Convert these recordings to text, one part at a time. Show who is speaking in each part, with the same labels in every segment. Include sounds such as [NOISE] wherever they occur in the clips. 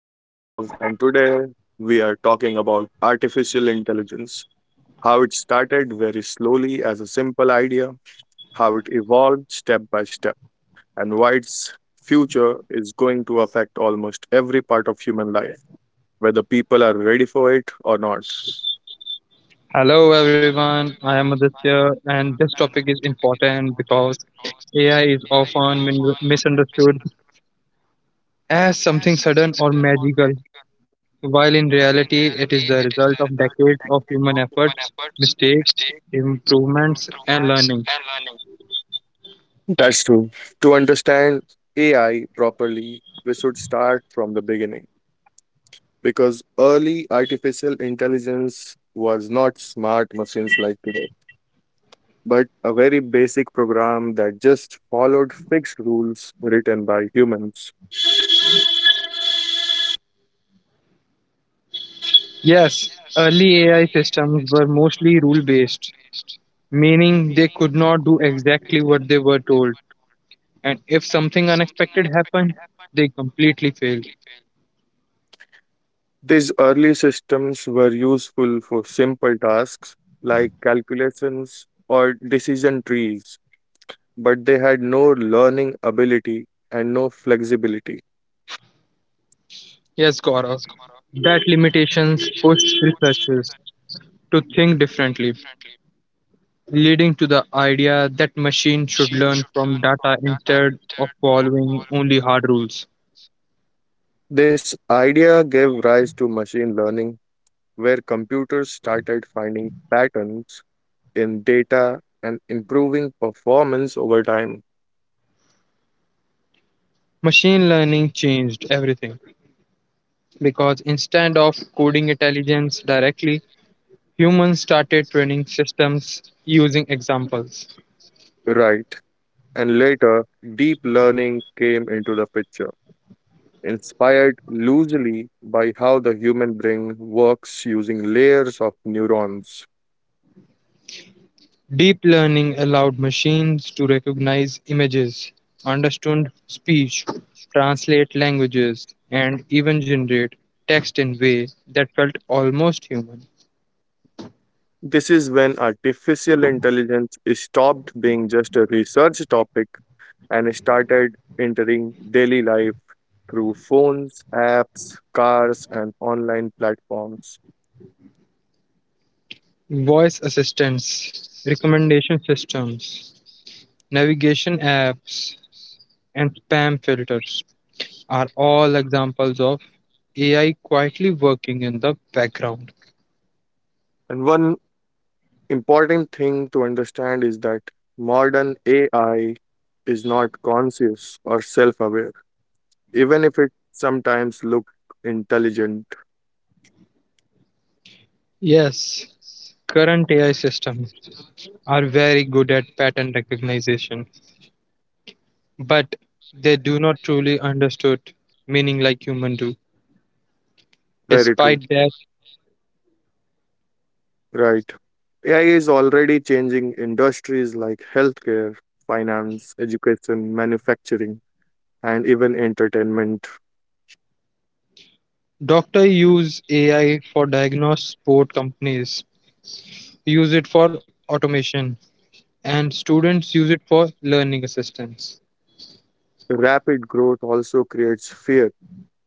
Speaker 1: I'm Gaurav, and today we are talking about artificial intelligence, how it started very slowly as a simple idea, how it evolved step by step, and why its future is going to affect almost every part of human life, whether people are ready for it or not.
Speaker 2: Hello everyone, I am Aditya, and this topic is important because AI is often misunderstood as something sudden or magical, while in reality,
Speaker 1: While in
Speaker 2: it is the
Speaker 1: reality,
Speaker 2: result
Speaker 1: it
Speaker 2: of
Speaker 1: is the
Speaker 2: decades
Speaker 1: result
Speaker 2: of
Speaker 1: of
Speaker 2: human
Speaker 1: decades of
Speaker 2: efforts,
Speaker 1: human efforts,
Speaker 2: mistakes,
Speaker 1: mistakes,
Speaker 2: improvements, and learning.
Speaker 1: improvements, and learning. That's true. To understand AI properly, we should start from the beginning because early artificial intelligence was not smart machines like today, but a very basic program that just followed fixed rules written by humans.
Speaker 2: Yes, early AI systems were mostly rule based, meaning they could not do exactly what they were told, and if something unexpected happened, they completely failed.
Speaker 1: These early systems were useful for simple tasks like calculations or decision trees, but they had no learning ability and no flexibility.
Speaker 2: Yes, Gaurav. That limitations push researchers to think differently, leading to the idea that machines should learn from data instead of following only hard rules.
Speaker 1: This idea gave rise to machine learning, where computers started finding patterns in data and improving performance over time.
Speaker 2: Machine learning changed everything because instead of coding intelligence directly, humans started training systems using examples.
Speaker 1: Right. And later, deep learning came into the picture inspired loosely by how the human brain works using layers of neurons.
Speaker 2: Deep learning allowed machines to recognize images, understand speech, translate languages, and even generate text in way that felt almost human.
Speaker 1: This is when artificial intelligence stopped being just a research topic and started entering daily life through phones, apps, cars, and online platforms.
Speaker 2: Voice assistants, recommendation systems, navigation apps, and spam filters are all examples of AI quietly working in the background.
Speaker 1: And one important thing to understand is that modern AI is not conscious or self aware, even if it sometimes looks intelligent.
Speaker 2: Yes, current AI systems are very good at pattern recognition but they do not truly understood meaning like human do.
Speaker 1: Very true.
Speaker 2: Despite that,
Speaker 1: Right. AI is already changing industries like healthcare, finance, education, manufacturing, and even entertainment.
Speaker 2: doctor use AI for diagnose sport companies, use it for automation, and students use it for learning assistance.
Speaker 1: Rapid growth also creates fear,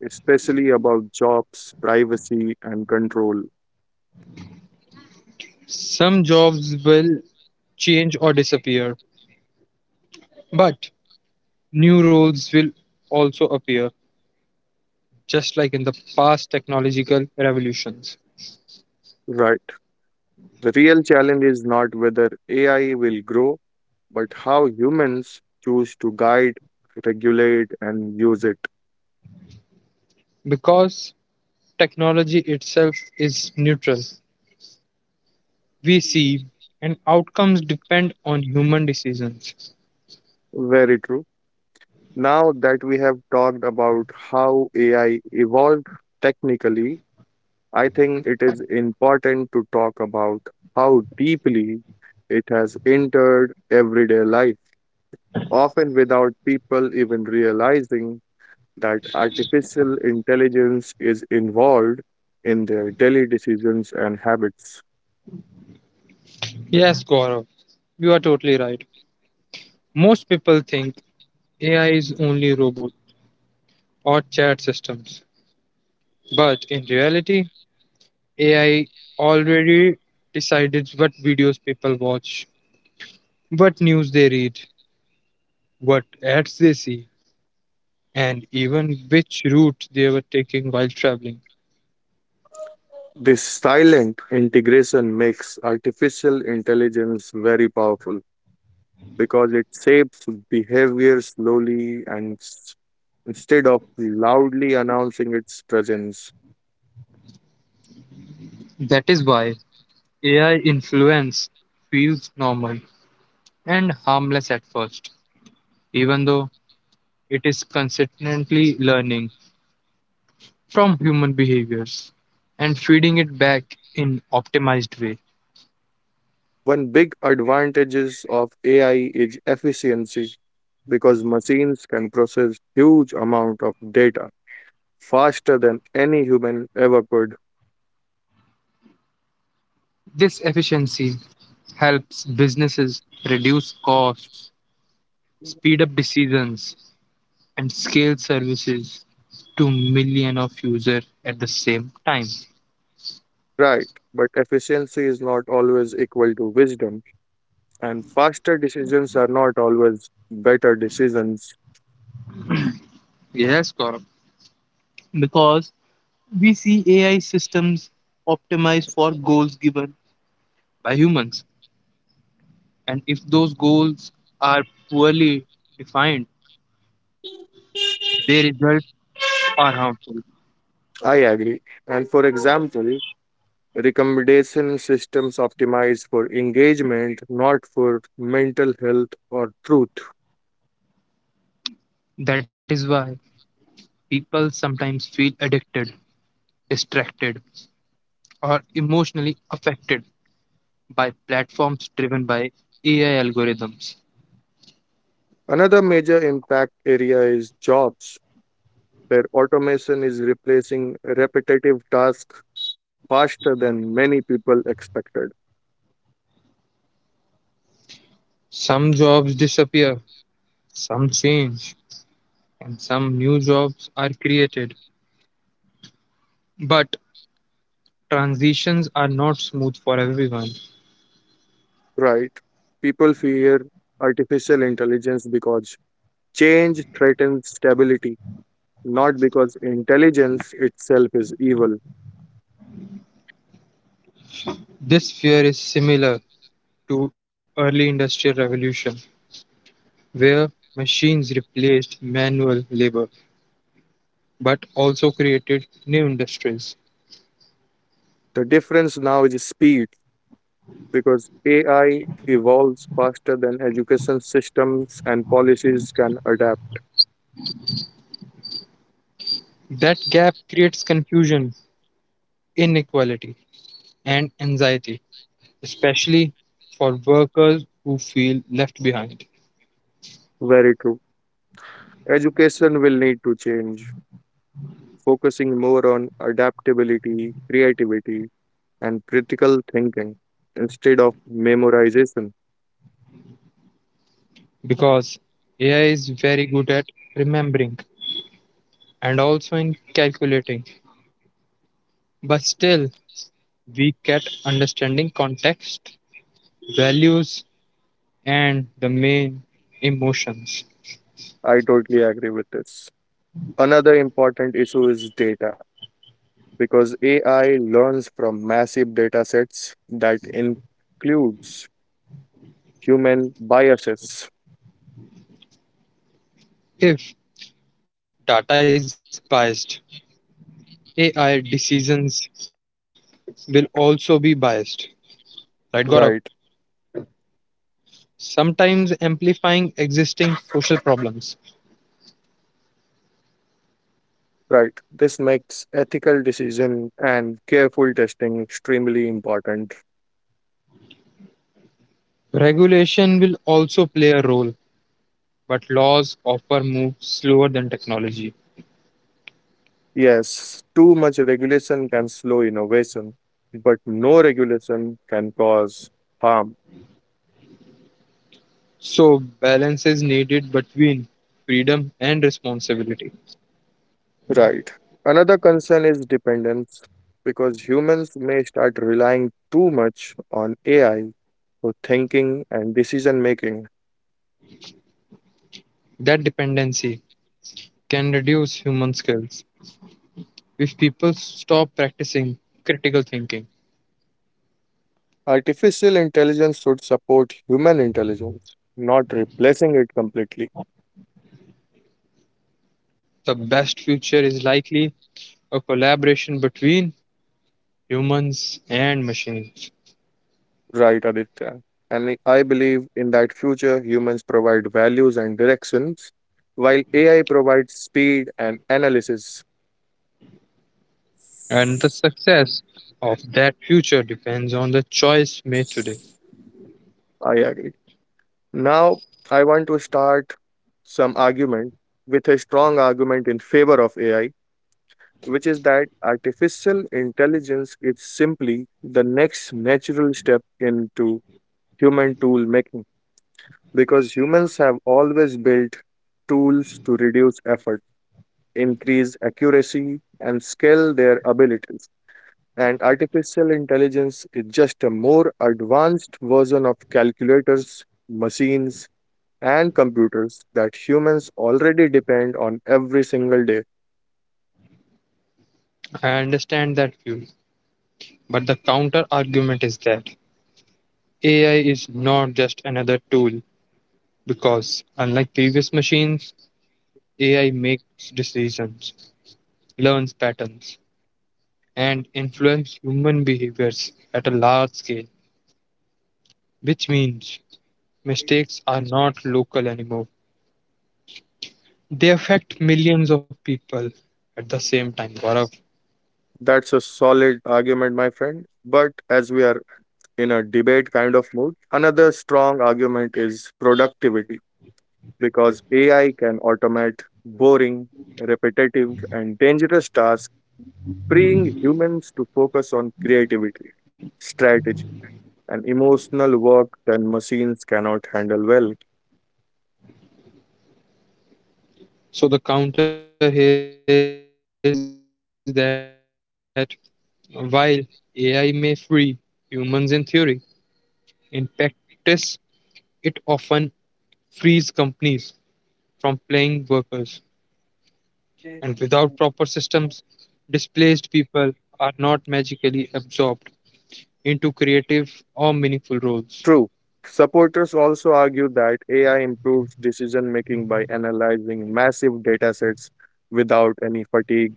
Speaker 1: especially about jobs, privacy, and control.
Speaker 2: Some jobs will change or disappear, but new roles will also appear, just like in the past technological revolutions.
Speaker 1: Right. The real challenge is not whether AI will grow, but how humans choose to guide, regulate, and use it.
Speaker 2: Because technology itself is neutral, we see and outcomes depend on human decisions.
Speaker 1: Very true. Now that we have talked about how AI evolved technically, I think it is important to talk about how deeply it has entered everyday life, often without people even realizing that artificial intelligence is involved in their daily decisions and habits.
Speaker 2: Yes, Gaurav, you are totally right. Most people think AI is only robot or chat systems, but in reality, AI already decided what videos people watch, what news they read, what ads they see, and even which route they were taking while traveling.
Speaker 1: This silent integration makes artificial intelligence very powerful because it shapes behavior slowly and instead of loudly announcing its presence.
Speaker 2: That is why AI influence feels normal and harmless at first, even though it is consistently learning from human behaviors and feeding it back in optimized way.
Speaker 1: One big advantages of AI is efficiency because machines can process huge amount of data faster than any human ever could.
Speaker 2: This efficiency helps businesses reduce costs, speed up decisions, and scale services to million of users at the same time.
Speaker 1: Right, but efficiency is not always equal to wisdom, and faster decisions are not always better decisions.
Speaker 2: Yes, Gaurav. Because we see AI systems optimized for goals given by humans, and if those goals are poorly defined, they result are harmful.
Speaker 1: I agree. And for example, recommendation systems optimize for engagement, not for mental health or truth.
Speaker 2: That is why people sometimes feel addicted, distracted, or emotionally affected by platforms driven by AI algorithms.
Speaker 1: Another major impact area is jobs where automation is replacing repetitive tasks faster than many people expected.
Speaker 2: Some jobs disappear, some change, and some new jobs are created. But transitions are not smooth for everyone.
Speaker 1: Right? People fear artificial intelligence because change threatens stability, not because intelligence itself is evil.
Speaker 2: This fear is similar to early industrial revolution where machines replaced manual labor but also created new industries.
Speaker 1: The difference now is speed because AI evolves faster than education systems and policies can adapt.
Speaker 2: That gap creates confusion, inequality, and anxiety, especially for workers who feel left behind.
Speaker 1: Very true. Education will need to change, focusing more on adaptability, creativity, and critical thinking instead of memorization.
Speaker 2: Because AI is very good at remembering and also in calculating, but still weak at understanding context, values, and the main emotions.
Speaker 1: I totally agree with this. Another important issue is data because AI learns from massive data sets that includes human biases.
Speaker 2: If data is biased, AI decisions will also be biased. Right, Gaurav?
Speaker 1: Right,
Speaker 2: Sometimes amplifying existing social problems.
Speaker 1: right. This makes ethical decision and careful testing extremely important.
Speaker 2: Regulation will also play a role, but laws often move slower than technology.
Speaker 1: Yes, too much regulation can slow innovation, but no regulation can cause harm.
Speaker 2: So, balance is needed between freedom and responsibility.
Speaker 1: Right. Another concern is dependence because humans may start relying too much on AI for thinking and decision making.
Speaker 2: That dependency can reduce human skills if people stop practicing critical thinking.
Speaker 1: Artificial intelligence should support human intelligence, not replacing it completely.
Speaker 2: The best future is likely a collaboration between humans and machines.
Speaker 1: Right, Aditya. And I believe in that future, humans provide values and directions, while AI provides speed and analysis.
Speaker 2: And the success of that future depends on the choice made today.
Speaker 1: I agree. Now, I want to start some argument with a strong argument in favor of AI, which is that artificial intelligence is simply the next natural step into human tool making because humans have always built tools to reduce effort, increase accuracy, and scale their abilities. And artificial intelligence is just a more advanced version of calculators, machines, and computers that humans already depend on every single day.
Speaker 2: I understand that view, but the counter argument is that AI is not just another tool because, unlike previous machines, AI makes decisions, learns patterns, and influences human behaviors at a large scale, which means mistakes are not local anymore. They affect millions of people at the same time, Gaurav.
Speaker 1: That's a solid argument, my friend. But as we are in a debate kind of mood, another strong argument is productivity because AI can automate boring, repetitive, and dangerous tasks, freeing humans to focus on creativity, strategy, and emotional work that machines cannot handle well.
Speaker 2: So the counter here is that while AI may free humans in theory, in practice it often frees companies from paying workers, and without proper systems, displaced people are not magically absorbed into creative or meaningful roles.
Speaker 1: True. Supporters also argue that AI improves decision making by analyzing massive datasets without any fatigue,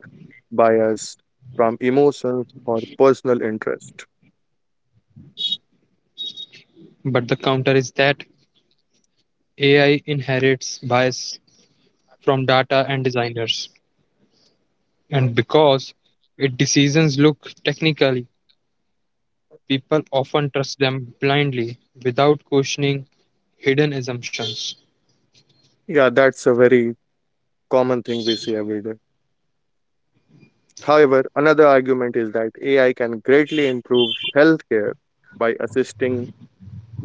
Speaker 1: bias from emotions or personal interest.
Speaker 2: But the counter is that AI inherits bias from data and designers, and because its decisions look technically, people often trust them blindly without questioning hidden assumptions.
Speaker 1: Yeah, that's a very common thing we see every day. However, another argument is that AI can greatly improve healthcare by assisting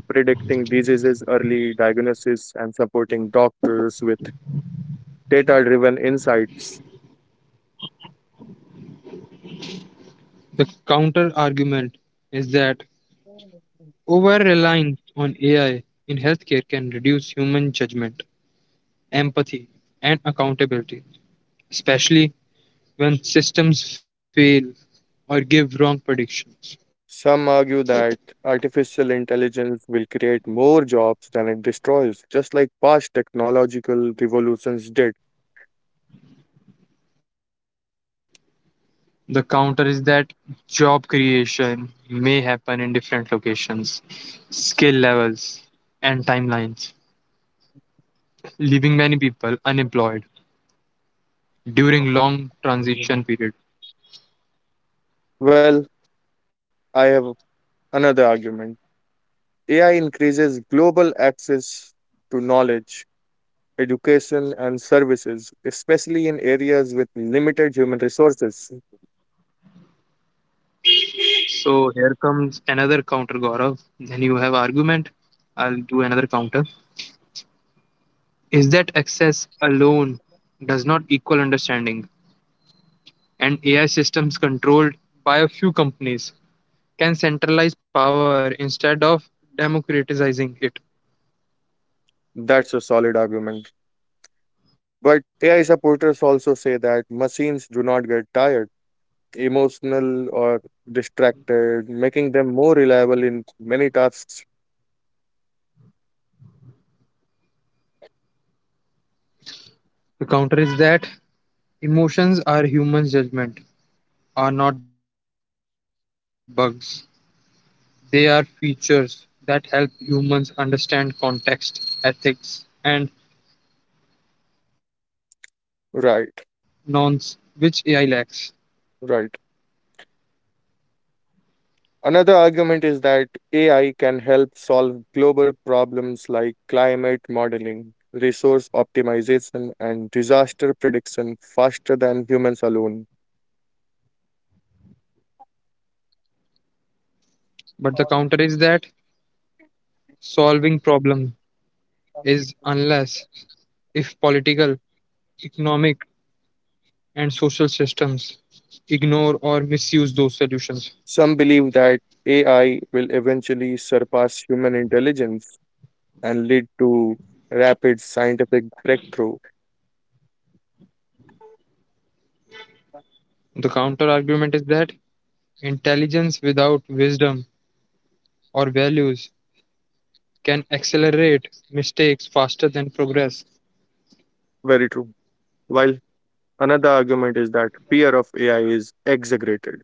Speaker 1: predicting diseases early, diagnosis, and supporting doctors with data driven insights.
Speaker 2: The counter argument is that over reliance on AI in healthcare can reduce human judgment, empathy, and accountability, especially when systems fail or give wrong predictions.
Speaker 1: Some argue that artificial intelligence will create more jobs than it destroys, just like past technological revolutions did.
Speaker 2: The counter is that job creation may happen in different locations, skill levels, and timelines, leaving many people unemployed during long transition period.
Speaker 1: Well, I have another argument. AI increases global access to knowledge, education, and services, especially in areas with limited human resources.
Speaker 2: So here comes another counter, Gaurav. Then you have argument. I'll do another counter. Is that access alone does not equal understanding, and AI systems controlled by a few companies can centralize power instead of democratizing it.
Speaker 1: That's a solid argument. But AI supporters also say that machines do not get tired emotional or distracted, making them more reliable in many tasks.
Speaker 2: The counter is that emotions are humans' judgment, are not bugs. They are features that help humans understand context, ethics, and nonce which AI lacks.
Speaker 1: Right, right. Another argument is that AI can help solve global problems like climate modeling, resource optimization, and disaster prediction faster than humans alone.
Speaker 2: But the counter is that solving problem is unless if political, economic and social systems ignore or misuse those solutions.
Speaker 1: Some believe that AI will eventually surpass human intelligence and lead to rapid scientific breakthrough.
Speaker 2: The counter argument is that intelligence without wisdom or values can accelerate mistakes faster than progress.
Speaker 1: Very true. While another argument is that fear of AI is exaggerated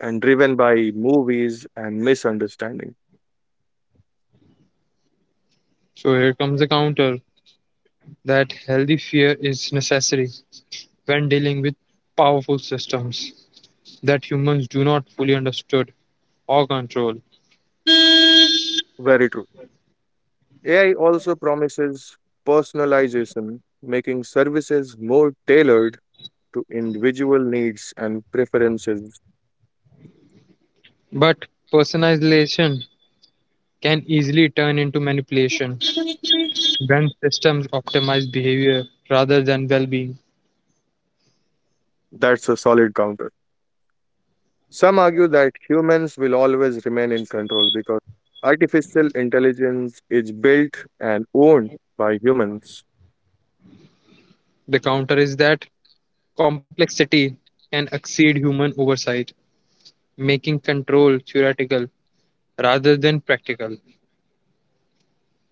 Speaker 1: and driven by movies and misunderstanding.
Speaker 2: So here comes the counter that healthy fear is necessary when dealing with powerful systems that humans do not fully understood or control.
Speaker 1: Very true. AI also promises personalization, making services more tailored to individual needs and preferences.
Speaker 2: But personalization can easily turn into manipulation when systems optimize behavior rather than well being.
Speaker 1: That's a solid counter. Some argue that humans will always remain in control because artificial intelligence is built and owned by humans.
Speaker 2: The counter is that complexity can exceed human oversight, making control theoretical rather than practical.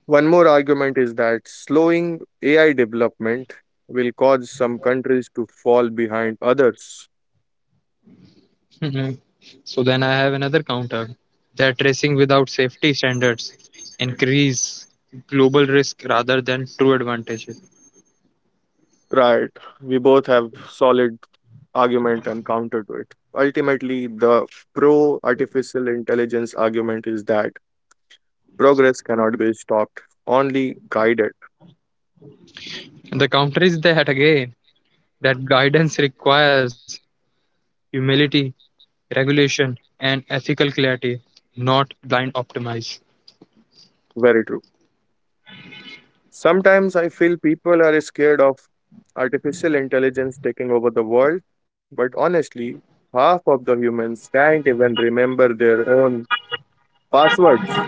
Speaker 1: One more argument is that slowing AI development will cause some countries to fall behind others.
Speaker 2: [LAUGHS] Mhm. So, then I have another counter that racing without safety standards increase global risk rather than true advantages.
Speaker 1: Right. We both have solid argument and counter to it. Ultimately, the pro artificial intelligence argument is that progress cannot be stopped, only guided.
Speaker 2: The counter is that again, that guidance requires humility, regulation, and ethical clarity, not blind optimize.
Speaker 1: Very true. Sometimes I feel people are scared of artificial intelligence taking over the world, but honestly, half of the humans can't even remember their own passwords.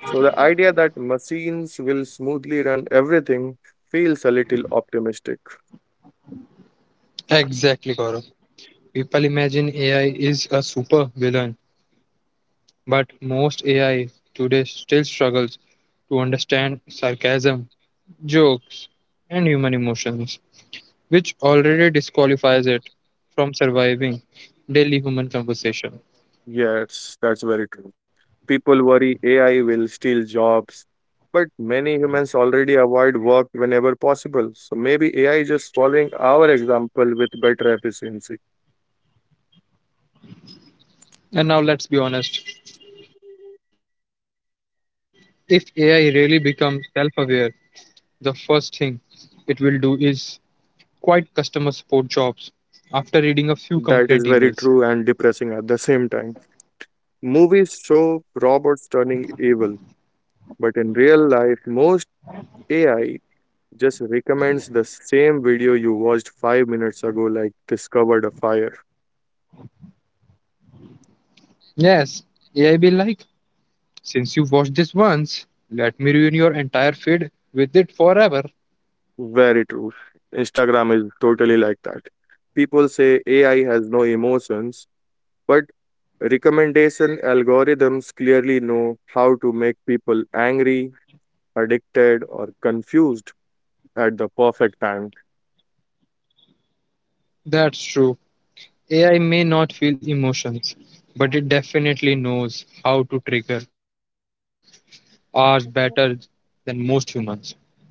Speaker 1: So the idea that machines will smoothly run everything feels a little optimistic.
Speaker 2: Exactly, Gaurav. People imagine AI is a super villain, but most AI today still struggles to understand sarcasm, jokes, and human emotions, which already disqualifies it from surviving daily human conversation.
Speaker 1: Yes, that's very true. People worry AI will steal jobs, but many humans already avoid work whenever possible. So maybe AI is just following our example with better efficiency.
Speaker 2: And now let's be honest, if AI really becomes self aware, the first thing it will do is quite customer support jobs after reading a few complaint emails.
Speaker 1: That is very true and depressing at the same time. Movies show robots turning evil, but in real life, most AI just recommends the same video you watched 5 minutes ago, like discovered a fire.
Speaker 2: Yes, AI be like, since you watched this once, let me ruin your entire feed with it forever.
Speaker 1: Very true. Instagram is totally like that. People say AI has no emotions, but recommendation algorithms clearly know how to make people angry, addicted, or confused at the perfect time.
Speaker 2: That's true. AI may not feel emotions, but it definitely knows how to trigger ours better than most humans.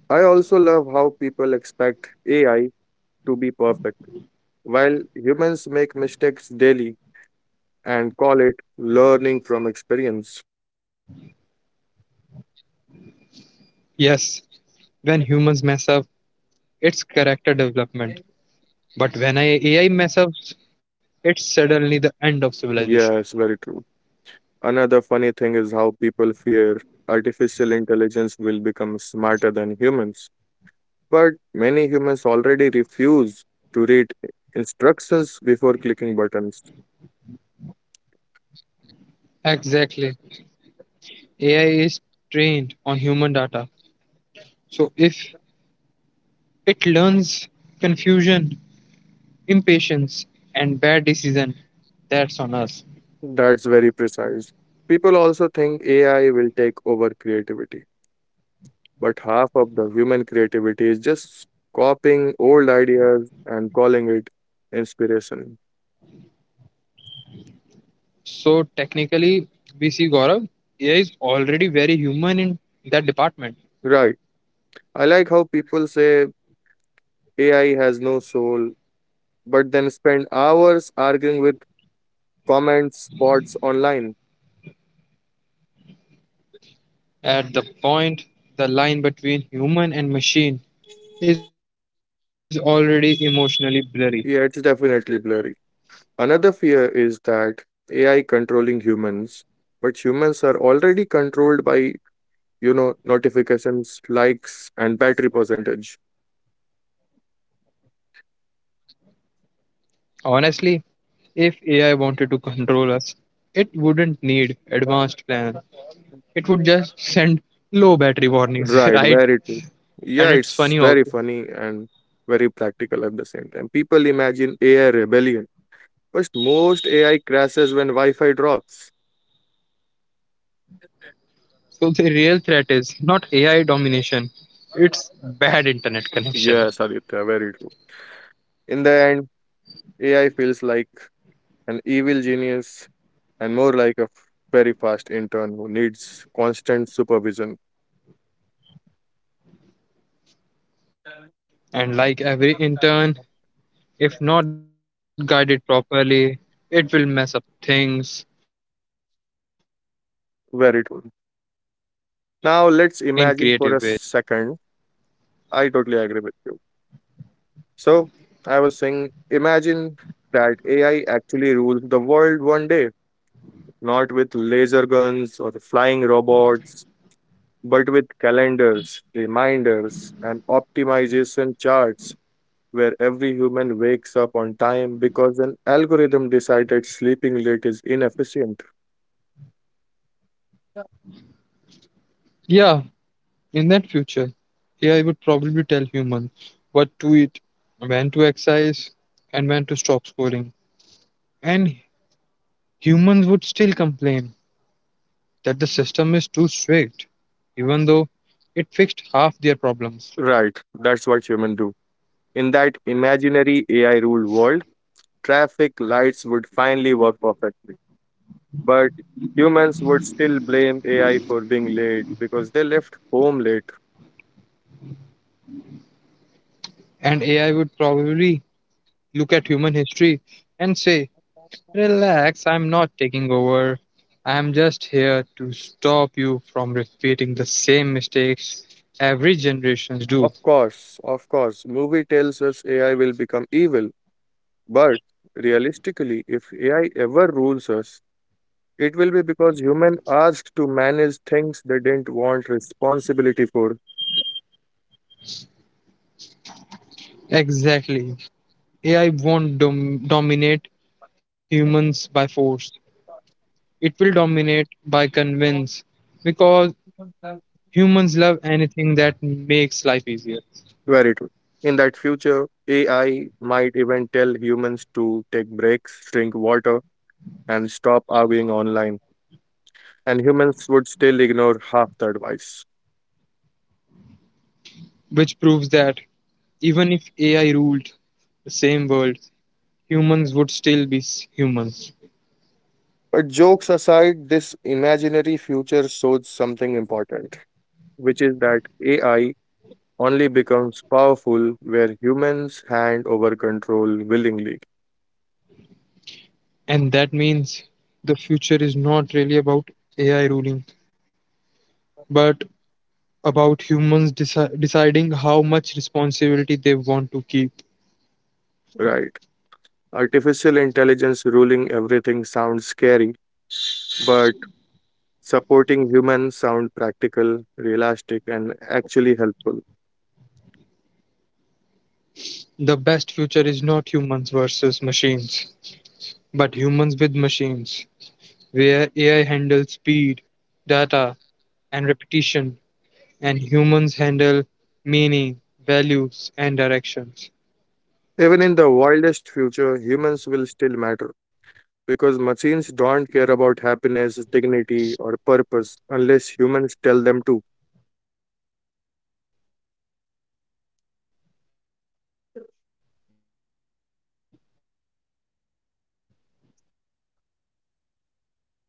Speaker 1: I also love how people expect AI to be perfect, while humans make mistakes daily and call it learning from experience.
Speaker 2: Yes, when humans mess up, it's character development. But when I, AI mess, it's suddenly the end of civilization.
Speaker 1: Yes, very true. Another funny thing is how people fear artificial intelligence will become smarter than humans. But many humans already refuse to read instructions before clicking buttons.
Speaker 2: Exactly. AI is trained on human data. So if it learns confusion, impatience, and bad decision, that's on us.
Speaker 1: That's very precise. People also think AI will take over creativity. But half of the human creativity is just copying old ideas and calling it inspiration.
Speaker 2: So technically, we see Gaurav, AI is already very human in that department.
Speaker 1: Right. I like how people say AI has no soul, but then spend hours arguing with comments spots online.
Speaker 2: At the point, the line between human and machine is already emotionally blurry.
Speaker 1: Yeah, it's definitely blurry. Another fear is that AI controlling humans, but humans are already controlled by, you know, notifications, likes, and battery percentage.
Speaker 2: Honestly, if AI wanted to control us, it wouldn't need advanced plans. It would just send low battery warnings, [LAUGHS] right?
Speaker 1: Right, very true.
Speaker 2: And it's
Speaker 1: Yeah,
Speaker 2: funny
Speaker 1: it's
Speaker 2: also.
Speaker 1: very funny and very practical at the same time. People imagine AI rebellion, but most AI crashes when Wi-Fi drops.
Speaker 2: So the real threat is not AI domination, it's bad internet
Speaker 1: Yes,
Speaker 2: connection.
Speaker 1: Aditya, very true. In the end, AI feels like an evil genius and more like a very fast intern who needs constant supervision.
Speaker 2: And like every intern, if not guided properly, it will mess up things in creative ways.
Speaker 1: Very true. Now, let's imagine for a second. I totally agree with you. So, I was saying, imagine that AI actually rules the world one day. Not with laser guns or flying robots, but with calendars, reminders, and optimization charts where every human wakes up on time because an algorithm decided sleeping late is inefficient.
Speaker 2: Yeah, in that future, AI would probably tell humans what to eat, when to exercise, and when to stop scoring. And humans would still complain that the system is too strict, even though it fixed half their problems.
Speaker 1: Right, that's what humans do. In that imaginary AI ruled world, traffic lights would finally work perfectly. But humans would still blame AI for being late because they left home late.
Speaker 2: And AI would probably look at human history and say, relax, I'm not taking over. I'm just here to stop you from repeating the same mistakes every generations do.
Speaker 1: Of course, movie tells us AI will become evil, but realistically, if AI ever rules us, it will be because humans asked to manage things they didn't want responsibility for.
Speaker 2: Exactly. AI won't dominate humans by force. It will dominate by convince because humans love anything that makes life easier,
Speaker 1: Very true. In that future, AI might even tell humans to take breaks, drink water, and stop arguing online, and humans would still ignore half the advice.
Speaker 2: which proves that even if AI ruled the same world, humans would still be humans.
Speaker 1: But jokes aside, this imaginary future shows something important which is that AI only becomes powerful where humans hand over control willingly,
Speaker 2: And that means the future is not really about AI ruling, but about humans deciding how much responsibility they want to keep.
Speaker 1: right? Artificial intelligence ruling everything sounds scary, but supporting humans sound practical, realistic, and actually helpful.
Speaker 2: The best future is not humans versus machines. But humans with machines, where AI handles speed, data, and repetition, and humans handle meaning, values, and directions.
Speaker 1: Even in the wildest future, humans will still matter because machines don't care about happiness, dignity, or purpose unless humans tell them to.
Speaker 2: AI can calculate what is efficient, but only humans can decide what is worth doing.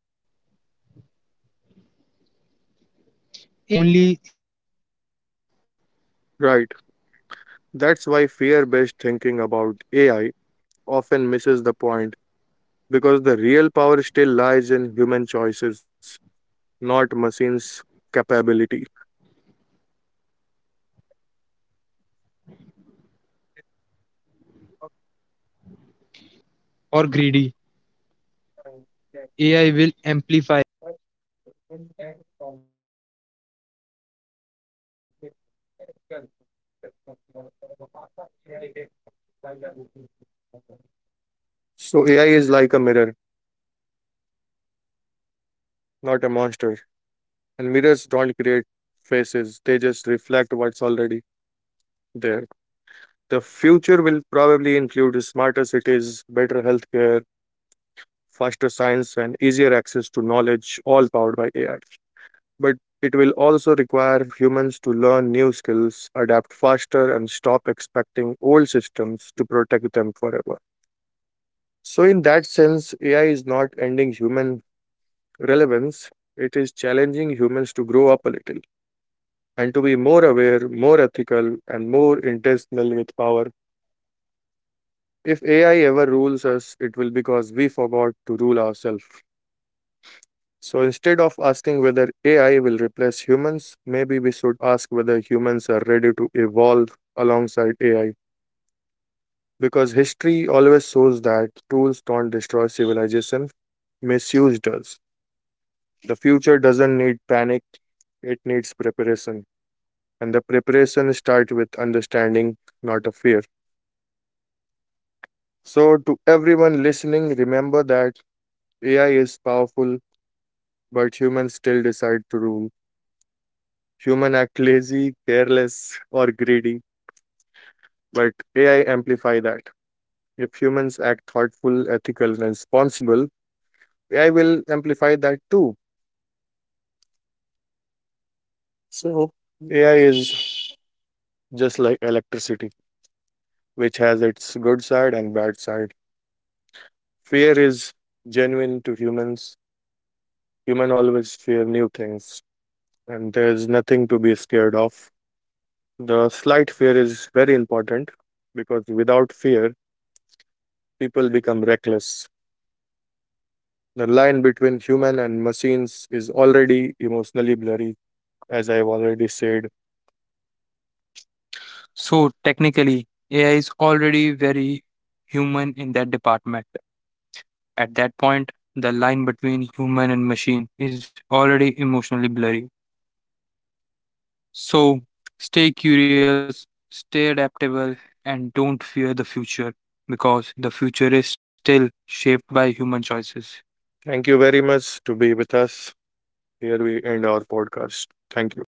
Speaker 1: Right. That's why fear based thinking about AI often misses the point because the real power still lies in human choices, not machines' capability.
Speaker 2: If humans act lazy, careless, or greedy, AI will amplify that, but humans act thoughtful, ethical, and responsible. AI will amplify that too.
Speaker 1: So AI is like a mirror, not a monster. And mirrors don't create faces, they just reflect what's already there. The
Speaker 2: And
Speaker 1: future
Speaker 2: mirrors
Speaker 1: will
Speaker 2: don't
Speaker 1: probably
Speaker 2: create
Speaker 1: include
Speaker 2: faces,
Speaker 1: smarter cities, better healthcare, faster science, and easier access to knowledge, all powered by AI, but it will also require humans to learn new skills, adapt faster, and stop expecting old systems to protect them forever. So, in that sense, AI is not ending human relevance, it is challenging humans to grow up a little and to be more aware, more ethical, and more intentional with power. If AI ever rules us, it will because we forgot to rule ourselves. So instead of asking whether AI will replace humans, maybe we should ask whether humans are ready to evolve alongside AI. Because history always shows that tools don't destroy civilization, misuse does. The future doesn't need panic, it needs preparation. And the preparation starts with understanding, not a fear. So, to everyone listening, remember that AI is powerful, but humans still decide to rule. Human act lazy, careless, or greedy but AI amplify that. If humans act thoughtful, ethical, and responsible, AI will amplify that too. So AI is just like electricity, which has its good side and bad side. Fear is genuine to humans. Human always fear new things, and there's nothing to be scared of. The slight fear is very important because without fear, people become reckless. The line between human and machines is already emotionally blurry as I've already said. Thank you very much to be with us. Here we end our podcast. Thank you.